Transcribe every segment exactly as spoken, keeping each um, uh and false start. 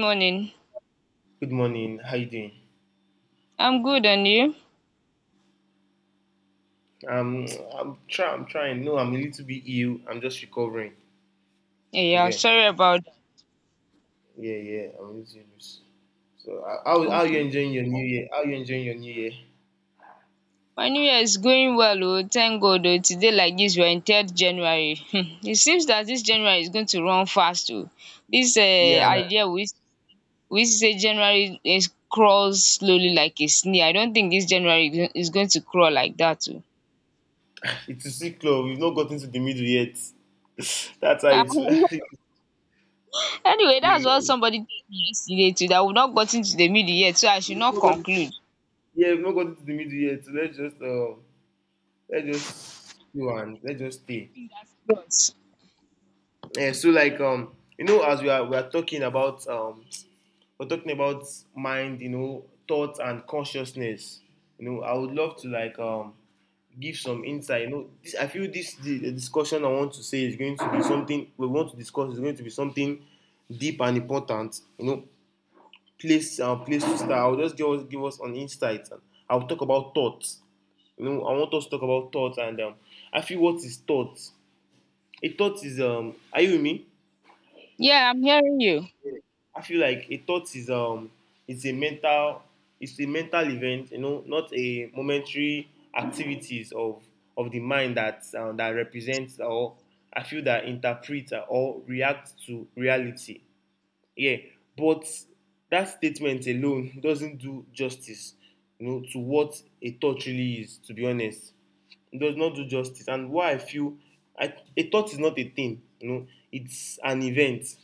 Morning. Good morning. How you doing? I'm good and you? Um, I'm try. I'm trying. No, I'm a little bit ill. I'm just recovering. Yeah, yeah, Okay. sorry about that. Yeah, yeah. I'm a little bit. So, uh, how how you Okay. enjoying your new year? How you enjoying your new year? My new year is going well, oh, thank God. Oh, today like this, we're in third January. Hmm, it seems that this January is going to run fast oh. This uh, Yeah, man. idea we we used to say January is crawls slowly like a snail. I don't think this January is is going to crawl like that oh. It's a sick club. We've not gotten to the middle yet. That's how Ah, it's. we've anyway, that's what somebody told me yesterday too, that we've not gotten to the middle yet, so I should not not gotten, conclude. yeah, we've not gotten to the middle yet. So let's just um, let's just go and let's just stay. Fingers crossed. Yeah. So like um, you know, as we are we are talking about um we're talking about mind, you know, thoughts and consciousness. You know, I would love to like um give some insight. You know, this, I feel this the, the discussion I want to say is going to be something we want to discuss is going to be something deep and important. You know, place um, place to start. I'll just give us give us an insight. And I'll talk about thoughts. You know, I want us to talk about thoughts and um, I feel what is thoughts. A thought is um, Are you with me? Yeah, I'm hearing you. I feel like a thought is um it's a mental it's a mental event, you know, not a momentary activities of of the mind that um, that represents or I feel that interpret or react to reality. Yeah, but that statement alone doesn't do justice, you know, to what a thought really is. To be honest, it does not do justice, and why I feel I, a thought is not a thing, you know, it's an event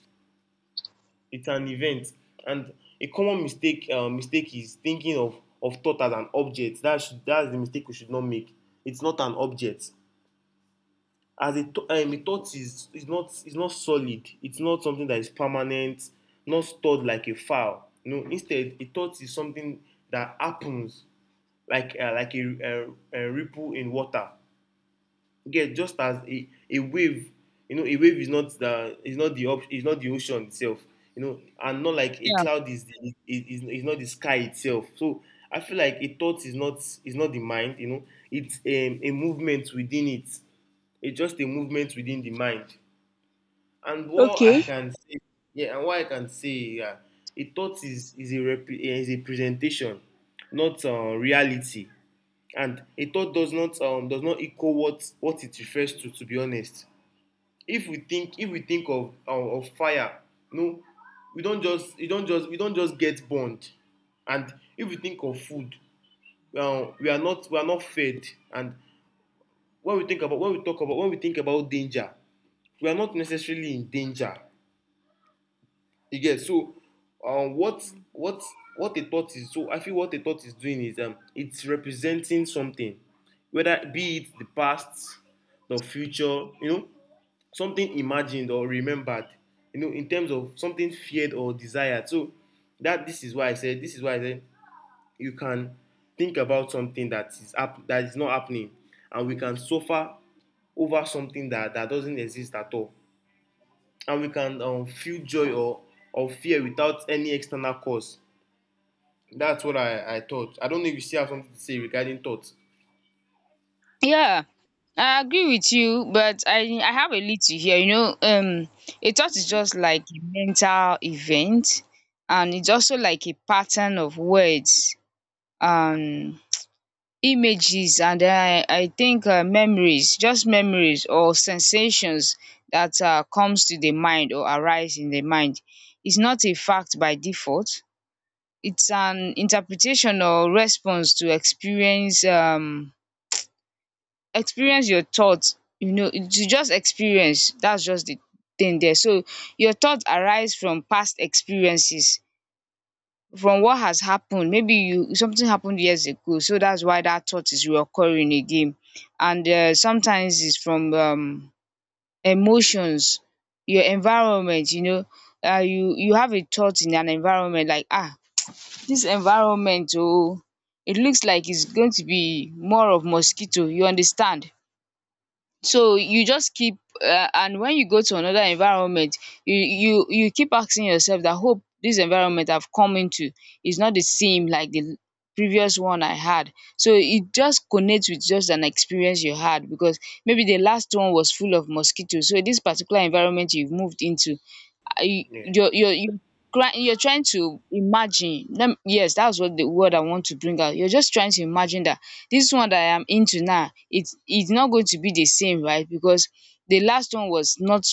it's an event and a common mistake uh, mistake is thinking of of thought as an object that's that's the mistake we should not make. It's not an object. As a thought um, A thought is is not is not solid. It's not something that is permanent, not stored like a file. No, instead a thought is something that happens, like uh, like a, a, a ripple in water. Get, just as a a wave, you know, a wave is not the is not the op- is not the ocean itself, you know, and not like a Yeah. cloud is the is, is, is not the sky itself. So I feel like a thought is not is not the mind, you know. It's um, a movement within it. It's just a movement within the mind. And what I can say yeah and what i can say Yeah, a thought is is a rep- is a presentation, not uh, reality. And a thought does not um, does not equal what what it refers to to be honest. If we think if we think of um, of fire, no, we don just we don just we don just get burned. And if we think of food, um, we are not we are not fed. And when we think about when we talk about when we think about danger, we are not necessarily in danger. You get. So um, what what what a thought is. So I feel what a thought is doing is um it's representing something, whether be it the past, the future, you know, something imagined or remembered, you know, in terms of something feared or desired. So that this is why I said this is why I said you can think about something that is up that is not happening, and we can suffer over something that that doesn't exist at all, and we can um, feel joy, or, or fear without any external cause. That's what I, I thought. I don't know if you still have something to say regarding thoughts. Yeah, I agree with you, but I I have a little here. You know, um, a thought is just like a mental event, and it's also like a pattern of words, um, images, and I I think uh, memories, just memories or sensations that uh, comes to the mind or arise in the mind. It's not a fact by default. It's an interpretation or response to experience. Um, experience your thoughts. You know to just experience, that's just the thing there. So your thoughts arise from past experiences, from what has happened. Maybe you something happened years ago, so that's why that thought is reoccurring again. And um sometimes it's from um emotions, your environment, you know. um you you have a thought in an environment, like ah this environment. Oh, it looks like it's going to be more of mosquito, you understand. So you just keep um and when you go to another environment, you you you keep asking yourself that, hope this environment I've come into is not the same like the previous one I had. So it just connects with just an experience you had, because maybe the last one was full of mosquitoes. So this particular environment you've moved into, ah you Yeah. you're you're you cry you're trying to imagine, lem, yes, that's what the word I want to bring out. You're just trying to imagine that this one that I am into now, it's it's not going to be the same, right, because the last one was not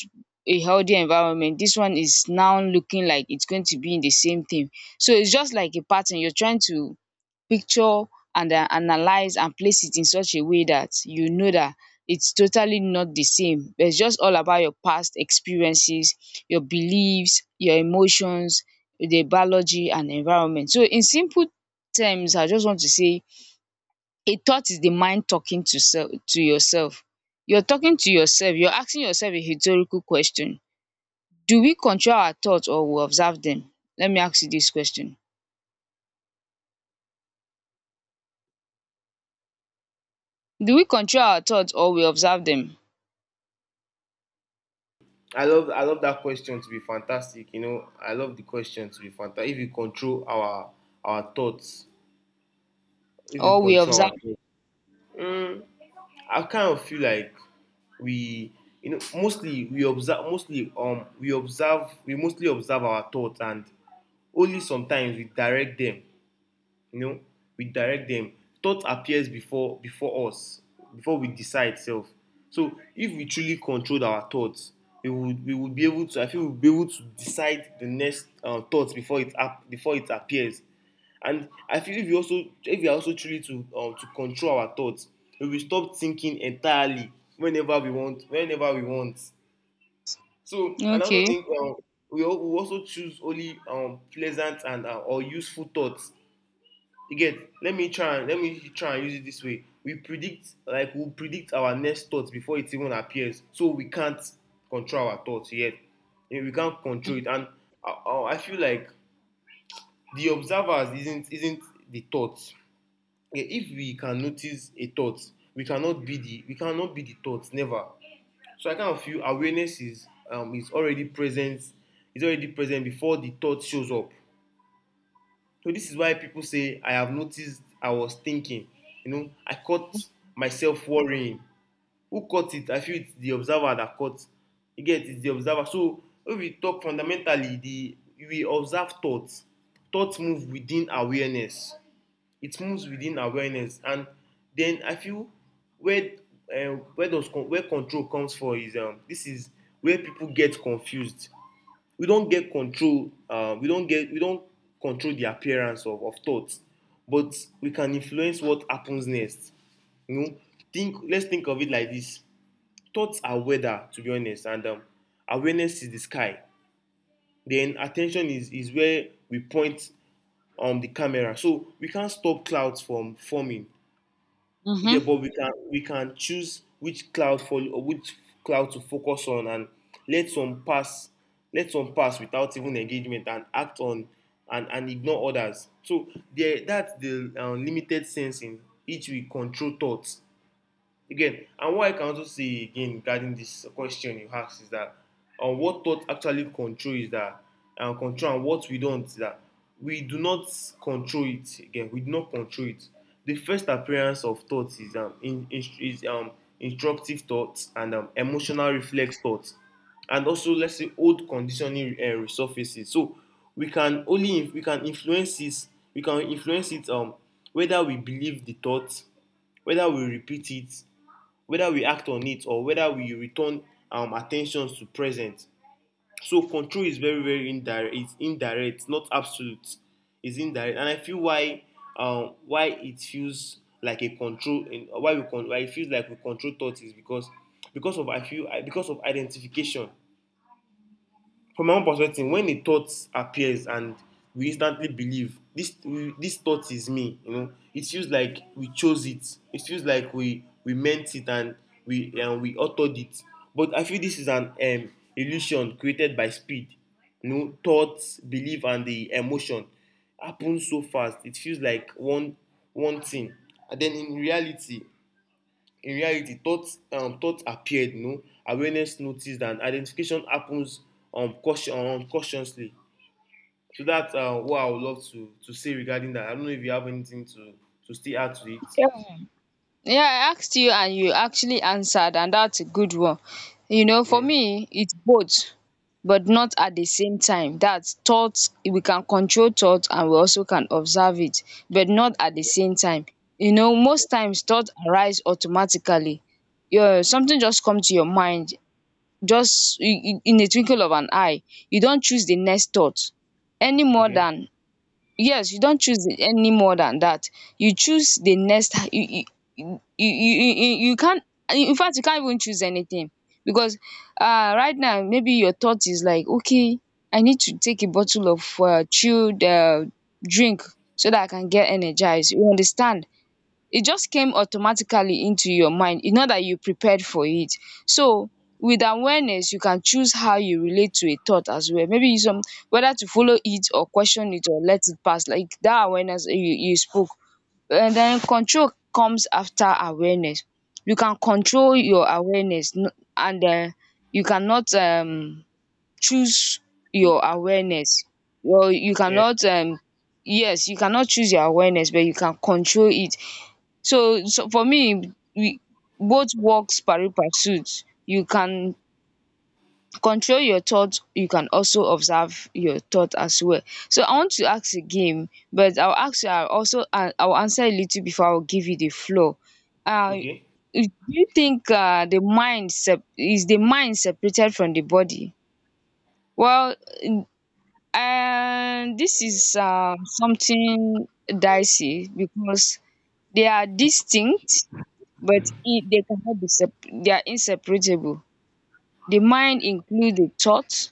a healthy environment. This one is now looking like it's going to be in the same thing. So it's just like a pattern. You're trying to picture and um analyze and place it in such a way that you know that it's totally not the same. It's just all about your past experiences, your beliefs, your emotions, the biology and environment. So in simple terms, I just want to say a thought is the mind talking to self to yourself. You're talking to yourself. You're asking yourself a rhetorical question. Do we control our thoughts or we observe them? Let me ask you this question. Do we control our thoughts or we observe them? I love I love that question to be fantastic. You know, I love the question to be fantastic. If you control our our thoughts, if you Or we control our observe. thoughts, I kind of feel like we, you know, mostly we observe, mostly um we observe, we mostly observe our thoughts, and only sometimes we direct them. You know, we direct them. Thought appears before before us, before we decide self. So if we truly controlled our thoughts, we would we would be able to. I feel we'll be able to decide the next uh, thoughts before it up before it appears. And I feel if we also, if we are also truly to um, to control our thoughts, we will stop thinking entirely whenever we want, whenever we want. So and I also Okay. think um, we, al- We also choose only um, pleasant and uh, or useful thoughts. You get. Let me try and let me try and use it this way. We predict, like we we'll predict our next thoughts before it even appears, so we can't control our thoughts yet. We can't control it. And I, I feel like the observers isn't isn't the thoughts. Yeah, if we can notice a thought, we cannot be the, we cannot be the thoughts, never. So I kind of feel awareness is um is already present. It's already present before the thought shows up. So this is why people say, I have noticed I was thinking. You know, I caught myself worrying. Who caught it? I feel it's the observer that caught. You get. It's the observer. So if we talk fundamentally, the we observe thoughts. Thoughts move within awareness. It moves within awareness. And then I feel where uh, where does con- where control comes from is, um, this is where people get confused. We don't get control, um, we don't get we don't control the appearance of, of thoughts, but we can influence what happens next. You know, think let's think of it like this. Thoughts are weather, to be honest, and um, awareness is the sky, then attention is is where we point um, the camera. So we can't stop clouds from forming. You get, Mm-hmm. but we can, we can choose which cloud for or which cloud to focus on, and let some pass, let some pass without even engagement and act on, and and ignore others. So there, that's the um, limited sense in which we control thoughts. Again, and what I can also say again regarding this question you asked is that on um, what thought actually control is that and um, control and what we don't is that we do not control it, again we do not control it. The first appearance of thoughts is um, in, in, is um, instructive thoughts and um, emotional reflex thoughts, and also let's say old conditioning uh, resurfaces. So we can only inf- we can influence this. We can influence it, um, whether we believe the thought, whether we repeat it, whether we act on it, or whether we return um, attention to present. So control is very, very indirect. It's indirect, not absolute. It's indirect. And I feel why, um, why it feels like a control. In, why we con- Why it feels like we control thoughts is because because of, I feel, because of identification. From my own perspective, when a thought appears and we instantly believe this, we, this thought is me, you know, it feels like we chose it, it feels like we we meant it, and we and we authored it. But I feel this is an um, illusion created by speed. You know, thoughts, belief, and the emotion happen so fast it feels like one, one thing. And then in reality, in reality, thoughts um, thoughts appeared, you know, awareness noticed, and identification happens um, caution, um cautiously. So that's uh, what I would love to to say regarding that. I don't know if you have anything to to still add to it. Yeah, I asked you and you actually answered, and that's a good one. You know, for Yeah. me, it's both, but not at the same time. That's thoughts, we can control thoughts and we also can observe it, but not at the same time. You know, most times thoughts arise automatically. Your something just come to your mind, just in in- in a twinkle of an eye. You don't choose the next thought any more Okay. than, yes, you don't choose the any more than that you choose the next. You you you you you you can't. In fact, you can't even choose anything, because um right now, maybe your thought is like, okay, I need to take a bottle of um chilled um drink so that I can get energized, you understand. It just came automatically into your mind. It's not that you prepared for it. So with awareness, you can choose how you relate to a thought as well. Maybe you some, whether to follow it or question it or let it pass, like that awareness you, you spoke. And then control comes after awareness. You can control your awareness, no- and uh, you cannot um choose your awareness. Well, you Yeah. cannot um yes, you cannot choose your awareness, but you can control it. So so for me, we both works pari passuit. You can control your thought, you can also observe your thought as well. So I want to ask a game, but I'll ask you, I'll also an I'll answer a little before I'll give you the floor. Uh Okay. do you think uh the mind sep is the mind separated from the body? Well, um this is um something dicey, because they are distinct, but e they cannot be separ- they are inseparable. The mind includes the thoughts,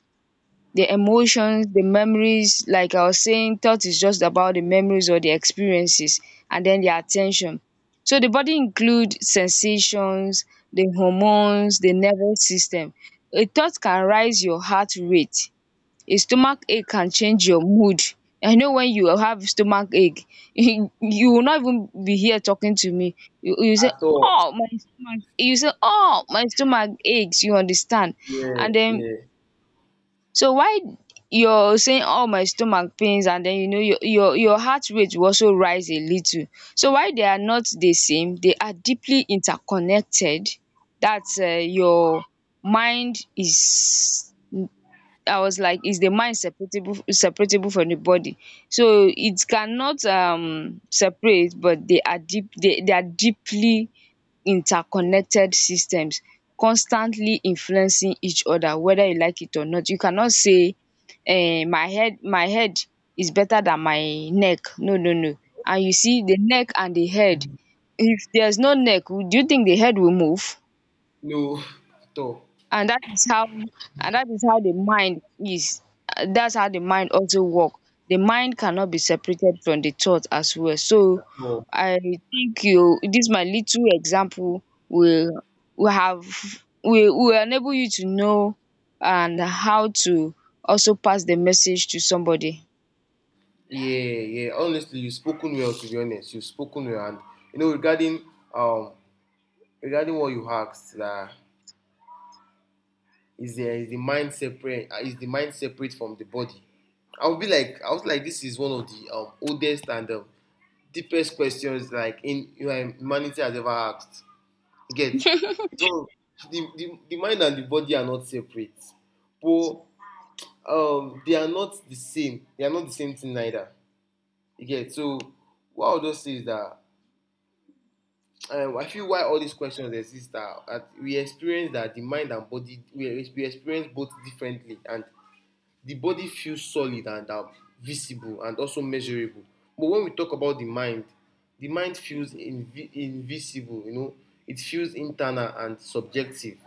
the emotions, the memories. Like I was saying, thought is just about the memories or the experiences, and then the attention. So the body includes sensations, the hormones, the nervous system. A thought can rise your heart rate. A stomach ache can change your mood. I know when you have stomach ache, you will not even be here talking to me. You you say, At all. oh my stomach you say oh my stomach aches, you understand. Yeah, And then, yeah. so why you're saying, oh my stomach pains, and then you know your your your heart rate will also rise a little. So why they are not the same, they are deeply interconnected. That's um your mind is. I was like, is the mind separable separable from the body? So it cannot um separate, but they are deep they, they are deeply interconnected systems, constantly influencing each other, whether you like it or not. You cannot say, eh my head my head is better than my neck. No, no, no. And you see the neck and the head, if there's no neck, do you think the head will move? No. At all. and that is how and that is how the mind is. Uh, that's how the mind also work. The mind cannot be separated from the thought as well. So At all. I think you this my little example will will have will will enable you to know and how to also pass the message to somebody. Yeah, yeah. Honestly, you've spoken well. To be honest, you've spoken well. And you know regarding um regarding what you asked, that is the is the mind separate uh, is the mind separate from the body. I would be like, I was like, this is one of the um, oldest and um, deepest questions, like in, you know, humanity has ever asked. Get. So the, the the mind and the body are not separate, but um they are not the same, they are not the same thing, neither. You get. So what I would just say is that, um, I feel why all these questions exist are that we experience that the mind and body we, we experience both differently. And the body feels solid and um, visible and also measurable. But when we talk about the mind, the mind feels invi- invisible, you know, it feels internal and subjective.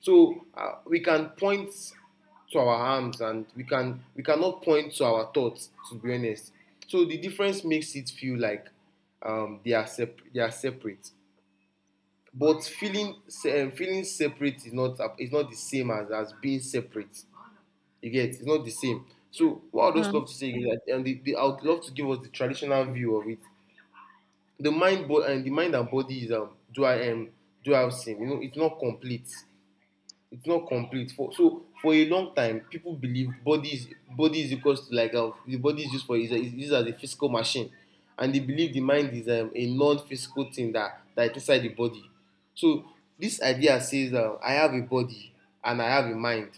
So uh, we can point to our arms, and we can, we cannot point to our thoughts, to be honest. So the difference makes it feel like um, they are sep- they are separate. But feeling se- um, feeling separate is not, is not the same as as being separate. You get. It's not the same. So what I would just Mm, love to say is that, and the, the, I would love to give us the traditional view of it. The mind, bo- and the mind and body is um, dual um, dual sim. You know, it's not complete. It's not complete. For so for a long time, people believe body is body is equals to like uh, the body is used for is, is used as a physical machine, and they believe the mind is um, a non-physical thing that that is inside the body. So this idea says uh, I have a body and I have a mind.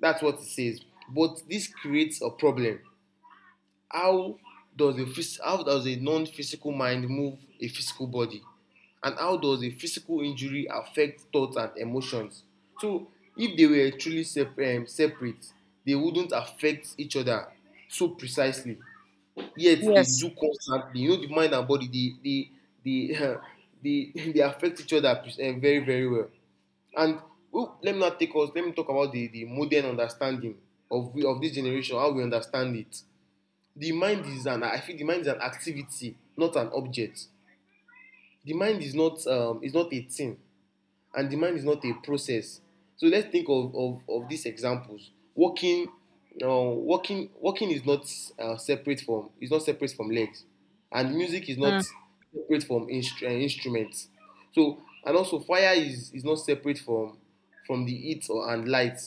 That's what it says. But this creates a problem. How does a phys- how does a non-physical mind move a physical body? And how does a physical injury affect thoughts and emotions? So if they were truly sep- um, separate, they wouldn't affect each other so precisely. Yet they yes. do constantly. You know, the mind and body, they they they they, they affect each other pre- um, very very well. And oh, let me not take us, let me talk about the, the modern understanding of, of this generation, how we understand it. The mind is an I feel the mind is an activity, not an object. The mind is not um, is not a thing and the mind is not a process. So let's think of of of these examples. Walking, uh, walking walking is not uh, separate from is not separate from legs, and music is not Mm, separate from instru- uh, instruments. So and also fire is is not separate from from the heat or and light.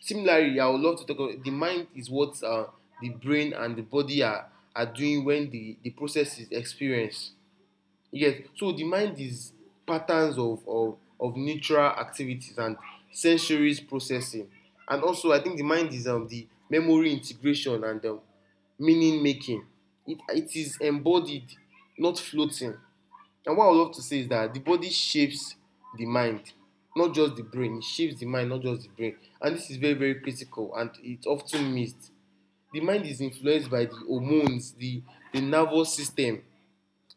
Similarly, I would love to talk about the mind is what uh, the brain and the body are are doing when the the process is experienced. Yes, so the mind is patterns of, of, of natural activities and sensories processing. And also, I think the mind is um, the memory integration and um, meaning making. It, it is embodied, not floating. And what I would love to say is that the body shapes the mind, not just the brain. It shapes the mind, not just the brain. And this is very, very critical and it's often missed. The mind is influenced by the hormones, the, the nervous system,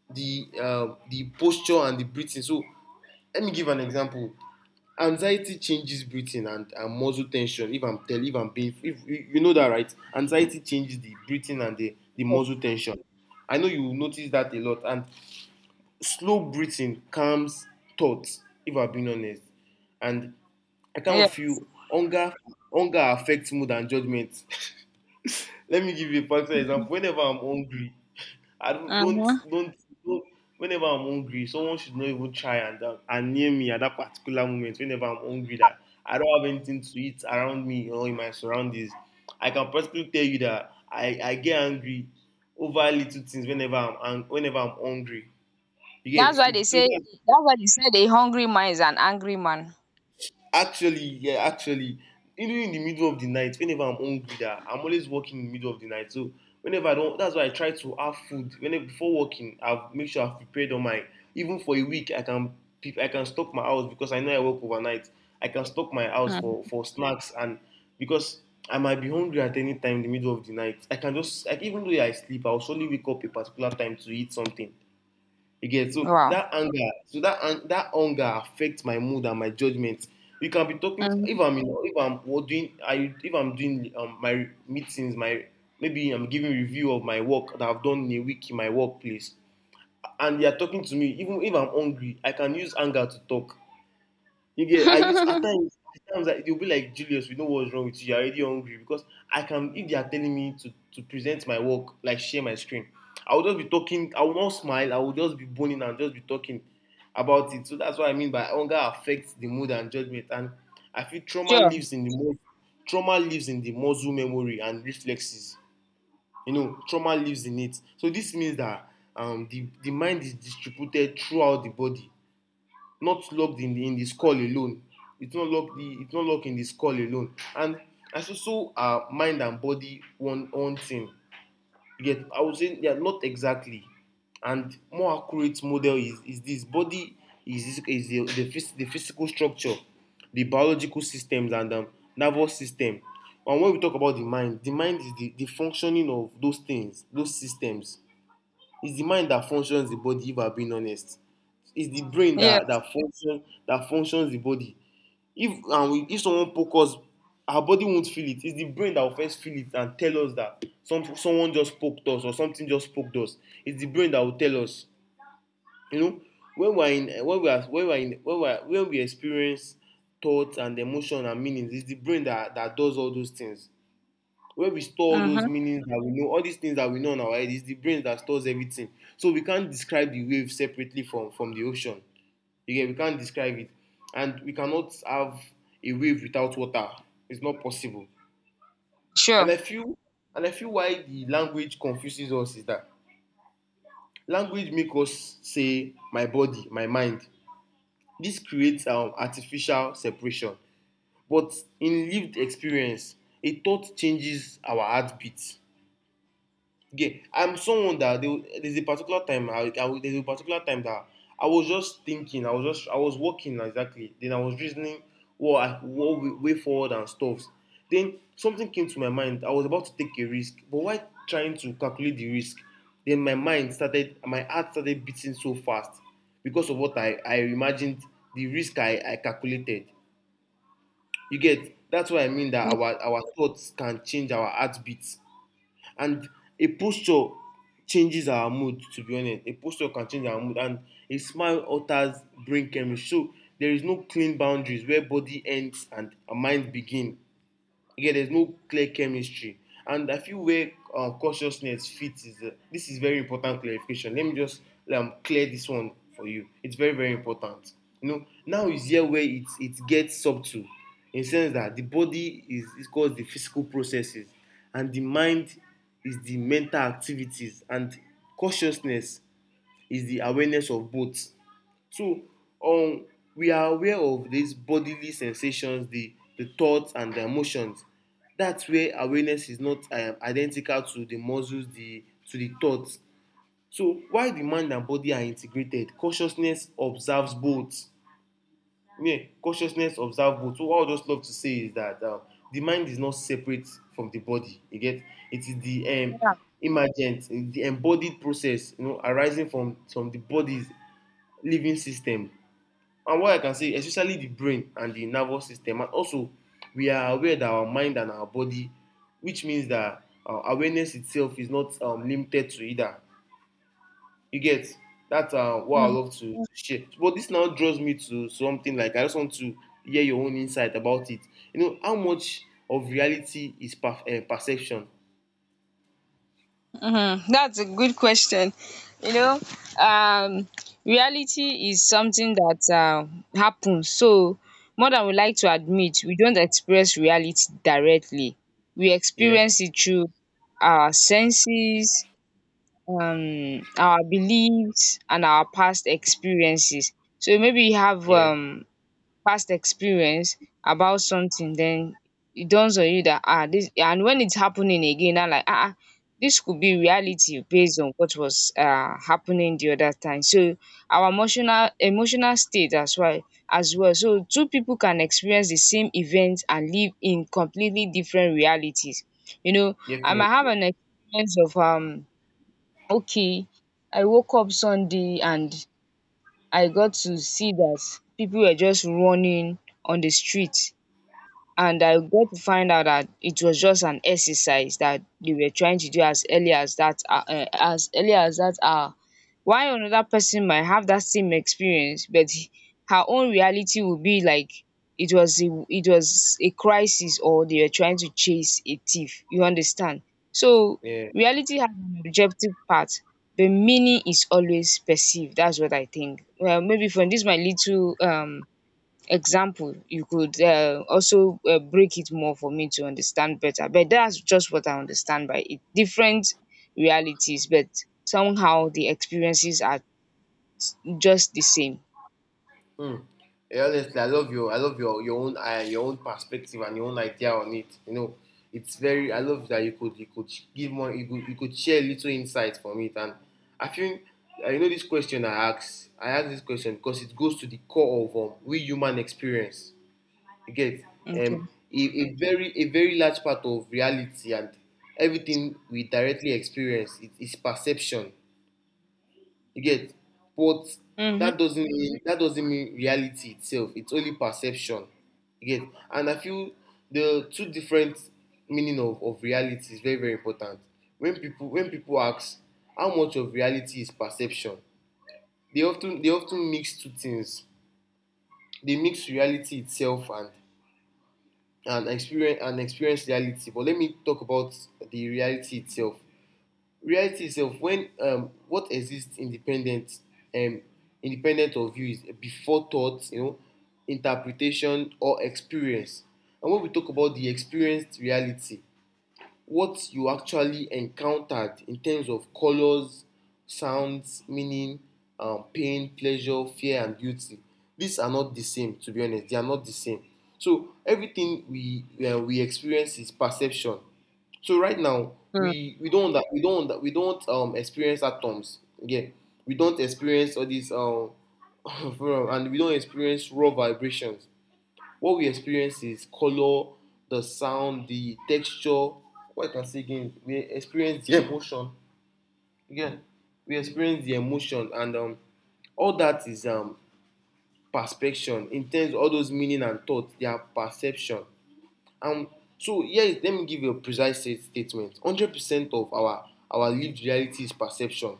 the uh, the posture and the breathing. So let me give an example. Anxiety changes breathing and, and muscle tension. If I'm tell if I'm being If you know that right, anxiety changes the breathing and the, the muscle tension. I know you will notice that a lot. And slow breathing calms thoughts, if I'm being honest. And I kind yeah. of feel hunger hunger affects mood and judgment. Let me give you a practical example. Whenever I'm hungry, I don't don't Mm-hmm. don't. don't Whenever I'm hungry, someone should not even try and uh, and near me at that particular moment. Whenever I'm hungry, that I don't have anything to eat around me or in my surroundings, I can practically tell you that I, I get angry over little things whenever I'm ang- whenever I'm hungry. You that's get why it. they So say that's why they said a hungry man is an angry man. actually, yeah, actually, even in the middle of the night, whenever I'm hungry, that I'm always working in the middle of the night. So whenever I don't, that's why I try to have food. Whenever before working, I've make sure I've prepared on my even for a week. I can pe- I can stock my house because I know I work overnight. I can stock my house for Mm. for snacks and because I might be hungry at any time in the middle of the night. I can just like even though I sleep, I'll surely wake up a particular time to eat something. Again, so Wow. that anger, so that an- that anger affects my mood and my judgment. You can be talking to, Mm, if I'm in, if I'm wo- doing I if I'm doing um, my meetings, my maybe I'm giving review of my work that I've done in a week in my workplace, and they are talking to me. Even if I'm hungry, I can use anger to talk. You get I use at times at times like they'll be like Julius, we know what's wrong with you, you're already hungry because I can if they are telling me to, to present my work, like share my screen, I will just be talking, I will not smile, I will just be boning and just be talking about it. So that's what I mean by hunger affects the mood and judgment. And I feel trauma sure. lives in the mo- trauma lives in the muscle memory and reflexes. You know, trauma lives in it. So this means that um the, the mind is distributed throughout the body, not locked in the, in the skull alone. It's not locked the it's not locked in the skull alone. And as so so are mind and body one one thing. Yet I would say they are not exactly. And more accurate model is, is this: body is is the, the, the physical structure, the biological systems and um, nervous system. And when we talk about the mind, the mind is the, the functioning of those things, those systems. It's the mind that functions the body, if I'm being honest. It's the brain that, Yes. that functions that functions the body. If and we, if someone pokes, our body won't feel it. It's the brain that will first feel it and tell us that some, someone just poked us or something just poked us. It's the brain that will tell us. You know, when we're in when we are when we're in when we're when we experience thoughts and emotion and meanings, it's the brain that, that does all those things, where we store all those Mm-hmm. meanings that we know. All these things that we know in our head, is the brain that stores everything. So we can't describe the wave separately from from the ocean. You get we can't describe it. And we cannot have a wave without water. It's not possible. and Sure. i feel and I feel why the language confuses us is that language makes us say my body, my mind. This creates um, artificial separation, but in lived experience a thought changes our heartbeat. Yeah, I'm someone that they, there's a particular time I, I was- there's a particular time that I was just thinking, I was just I was working like, exactly. Then I was reasoning what I, what way way forward and stuff. Then something came to my mind. I was about to take a risk, but why trying to calculate the risk? Then my mind started, my heart started beating so fast because of what I I imagined the risk I I calculated. You get that's what I mean, that our our thoughts can change our heartbeat. And a posture changes our mood, to be honest. A posture can change our mood and a smile alters brain chemistry. So there is no clean boundaries where body ends and our mind begin. Yeah, there's no clear chemistry. And I feel where uh, consciousness fits is uh, this is very important clarification. Let me just um, clear this one for you. It's very very important. You know, now is here where it it gets subtle, in the sense that the body is is called the physical processes, and the mind is the mental activities, and consciousness is the awareness of both. So um, we are aware of these bodily sensations, the, the thoughts and the emotions. That's where awareness is not um, identical to the muscles, the to the thoughts. So while the mind and body are integrated, consciousness observes both. Yeah, consciousness observes both. So what I would just love to say is that um, the mind is not separate from the body. You get it is the um, Yeah. emergent, the embodied process, you know, arising from from the body's living system. And what I can say, especially the brain and the nervous system, and also we are aware that our mind and our body, which means that uh, awareness itself is not um, limited to either. You get that's uh, what I love to, to share. But this now draws me to something like I just want to hear your own insight about it. You know, how much of reality is per- uh, perception? Mm-hmm. That's a good question. You know, um, reality is something that uh, happens. So, more than we like to admit, we don't express reality directly. We Yeah, experience it through our senses, um, our beliefs, and our past experiences. So maybe you have yeah, um past experience about something, then it dawns on you that, ah this, and when it's happening again now, like ah ah this could be reality based on what was um happening the other time. So our emotional emotional state as well as well, so two people can experience the same event and live in completely different realities, you know. I might definitely. have an experience of um okay, I woke up Sunday and I got to see that people were just running on the street, and I got to find out that it was just an exercise that they were trying to do as early as that hou- eh, as early as that hour. Why another person might have that same experience, but he- her own reality will be like it was a it was a crisis, or they were trying to chase a thief. You understand? So Yeah. reality has an objective part, but meaning is always perceived. That's what I think. Well, maybe from this my little um example, you could uh, also uh, break it more for me to understand better, but that's just what I understand by it, different realities, but somehow the experiences are just the same. Mm. Yeah, honestly, I love your I love your your own uh, your own perspective and your own idea on it. You know, it's very I love that you could you could give more you could you could share little insight from it. And I think uh, you know, this question I asked I asked this question because it goes to the core of um, we human experience. You get Okay. um a, a very a very large part of reality and everything we directly experience it is perception. You get, but Mm-hmm. that doesn't mean that doesn't mean reality itself. It's only perception. You get, and I feel the two different meaning of, of reality is very very important. When people when people ask how much of reality is perception, they often they often mix two things. They mix reality itself and and experience and experience reality. But let me talk about the reality itself. Reality itself when um, what exists independent um, independent of you is before thought, you know, interpretation or experience. And when we talk about the experienced reality, what you actually encountered in terms of colors, sounds, meaning, um, pain, pleasure, fear, and beauty. These are not the same, to be honest. They are not the same. So everything we uh, we experience is perception. So right now Mm. we we don't under- we don't under- we don't um experience atoms. Yeah, we don't experience all these um and we don't experience raw vibrations. What we experience is color, the sound, the texture. What I can say again, we experience the emotion. Again, we experience the emotion, and um, all that is um, perception. In terms, of all those meaning and thought, they are perception. Um, so here, is- let me give you a precise sta- statement. one Hundred percent of our our lived reality is perception.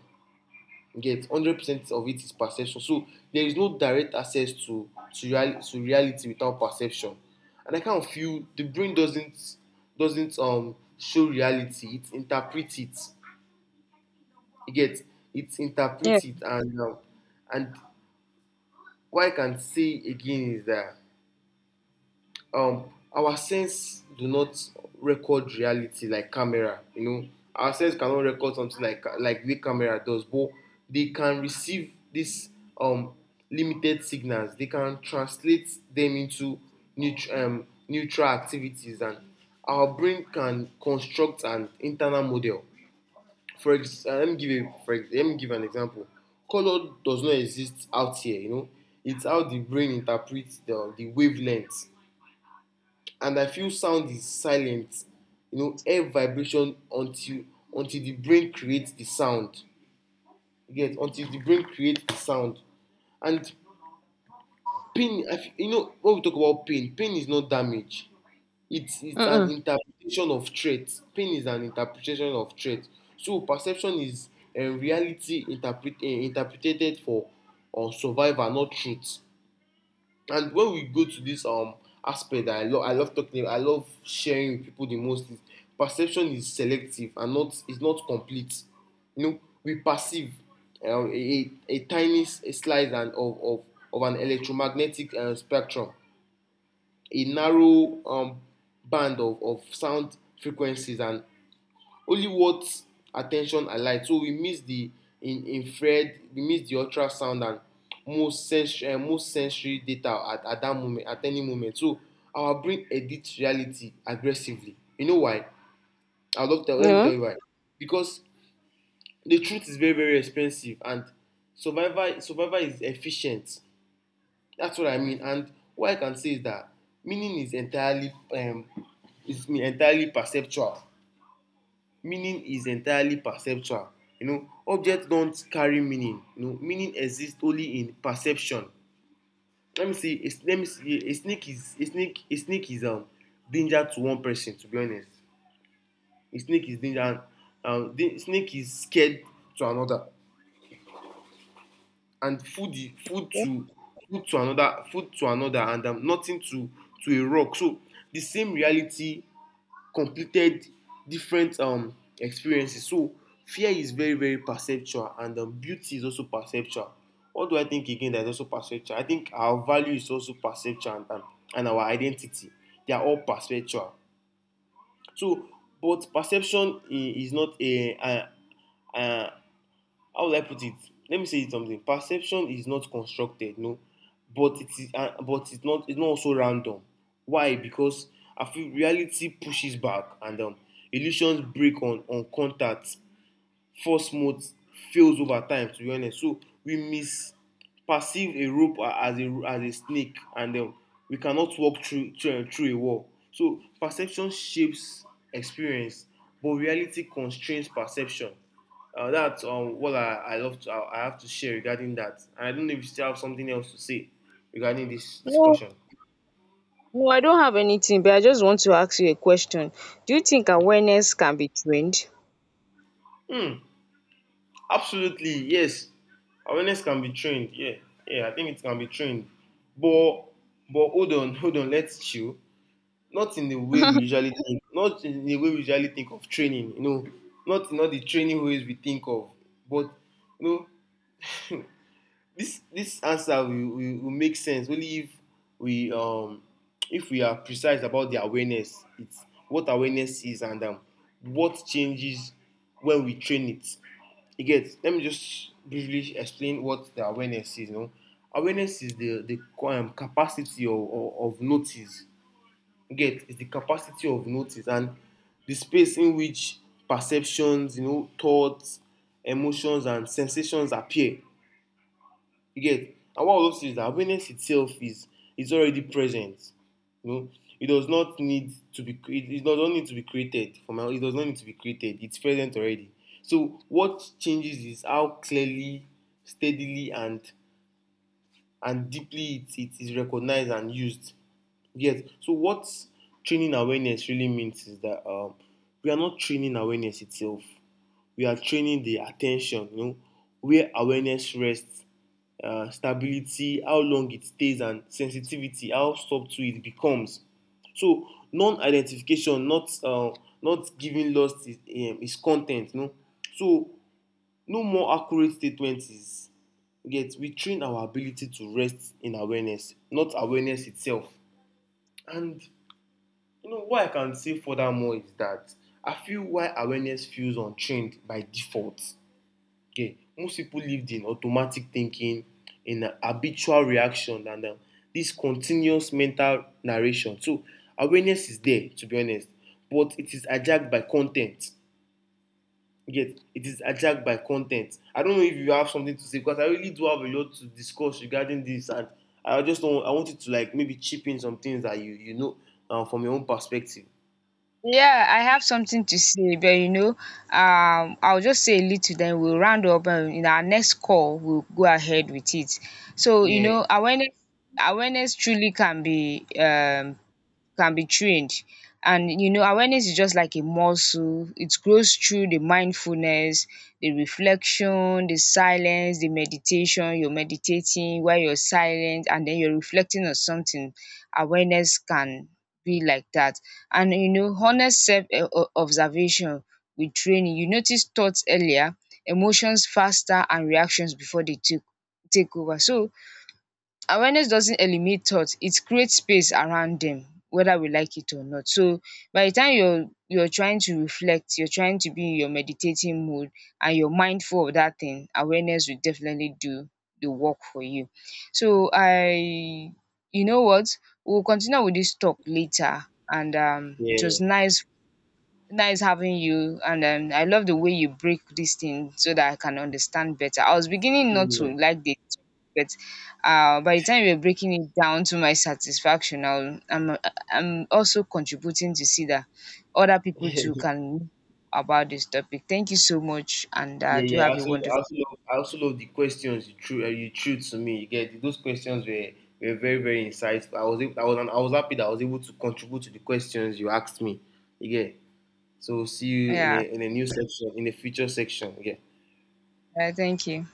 Get one hundred percent of it is perception. So there is no direct access to to, real, to reality without perception. And I kind of feel the brain doesn't doesn't um show reality, it interprets it. You get, it Yeah. interprets it. And um, and what I can say again is that um, our sense do not record reality like camera. You know, our sense cannot record something like like the camera does, but they can receive these um, limited signals. They can translate them into neut- um, neutral activities, and our brain can construct an internal model. For ex- uh, let me give a for ex- Let me give an example. Color does not exist out here. You know, it's how the brain interprets the the wavelength. And I feel sound is silent, you know, air vibration until until the brain creates the sound. You get, until the brain creates the sound. And pain, I feel, you know, when we talk about pain, pain is not damage. It's it's Mm-mm. an interpretation of threat. Pain is an interpretation of threat. So perception is um, reality interpret, uh, interpreted for uh, survival, not truth. And when we go to this um aspect that I love, I love talking, I love sharing with people the most is perception is selective and not is not complete. You know, we perceive um, a, a, tiny s- a slice and of, of, of an electromagnetic uh, spectrum, a narrow um, band of, of sound frequencies, and only what attention alike, so we miss the in infrared, we miss the ultrasound and most sensory uh, most sensory data at at that moment, at any moment. So our brain edits reality aggressively. You know why? I love to tell, let me tell No. you why. Because the truth is very very expensive, and survival survival is efficient. That's what I mean. And what I can say is that meaning is entirely um is entirely perceptual. Meaning is entirely perceptual. You know, objects don't carry meaning, you know, meaning exists only in perception. Let me see a, let me see a, a snake is a snake a snake is um, danger to one person. To be honest, a snake is danger, and um, the snake is scared to another, and food I- food to food to another food to another, and um, nothing to to a rock. So the same reality, completed different um, experiences. So fear is very, very perceptual, and um, beauty is also perceptual. What do I think again that is also perceptual? I think our value is also perceptual, and, and, and our identity. They are all perceptual. So, but perception i- is not a, a, a how will I put it? Let me say it something. Perception is not constructed, no, but it is, uh, but it's not, it's not also random. Why? Because I feel reality pushes back, and um, illusions break on on contact, force mode fails over time, to be honest. So we miss perceive a rope as a as a snake, and um, we cannot walk through through, through a wall. So perception shapes experience, but reality constrains perception. Uh, that's um, what I, I love to, I, I have to share regarding that, and I don't know if you still have something else to say regarding this No. discussion. No, I don't have anything, but I just want to ask you a question. Do you think awareness can be trained? Hmm. Absolutely, yes. Awareness can be trained. Yeah, yeah. I think it can be trained, but but hold on, hold on. Let's chill. Not in the way we usually think. Not in the way we usually think of training. You know, not not the training ways we think of. But you know, this this answer will, will, will make sense only if we um if we are precise about the awareness. It's what awareness is, and um, what changes when we train it. You get, let me just briefly explain what the awareness is. You know, awareness is the the um, capacity of, of, of notice. You get, it's the capacity of notice and the space in which perceptions, you know, thoughts, emotions, and sensations appear. You get? And what I love to say is that awareness itself is is already present. You know, it does not need to be it, it does not need to be created. For my, it does not need to be created. It's present already. So what changes is how clearly, steadily, and and deeply it, it is recognized and used. Yes. So what training awareness really means is that um, we are not training awareness itself, we are training the attention, you know, where awareness rests, uh, stability, how long it stays, and sensitivity, how subtle it becomes. So non-identification, not uh, not giving lost is, um, is content, you know. So no more accurate statement is yet. We train our ability to rest in awareness, not awareness itself. And you know what I can say furthermore is that I feel why awareness feels untrained by default. Okay, most people lived in automatic thinking, in uh, habitual reaction, and uh, this continuous mental narration. So awareness is there, to be honest, but it is hijacked by content. Yet it is hijacked by content. I don't know if you have something to say, because I really do have a lot to discuss regarding this, and I just don't. I wanted to like maybe chip in some things that you you know uh, from your own perspective. Yeah, I have something to say, but you know, um, I'll just say a little, then we'll round up and in our next call, we'll go ahead with it. So, you Yeah, know, awareness awareness truly can be um can be trained. And you know, awareness is just like a muscle. It grows through the mindfulness, the reflection, the silence, the meditation. You're meditating while you're silent and then you're reflecting on something. Awareness can be like that. And you know, honest self eh, o- observation with training. You notice thoughts earlier, emotions faster, and reactions before they take take over. So awareness doesn't eliminate thoughts; it creates space around them, whether we like it or not. So by the time you're you're trying to reflect, you're trying to be in your meditating mood, and you're mindful of that thing, awareness will definitely do the work for you. So I you know what, we'll continue with this talk later. And um it yeah, was nice nice having you, and um I love the way you break this thing so that I can understand better. I was beginning not to yeah. like the, but uh, by the time you're breaking it down to my satisfaction, I'll, I'm I'm also contributing to see that other people too can know about this topic. Thank you so much, and Yeah, uh, do yeah. I have a also, I wonderful. also love, I also love the questions you threw, uh, you threw to me. You get, those questions were were very, very insightful. I was, able, I was, I was happy that I was able to contribute to the questions you asked me. You get. So see you in Yeah. a, in a new section, in a future section. Yeah. Uh, thank you.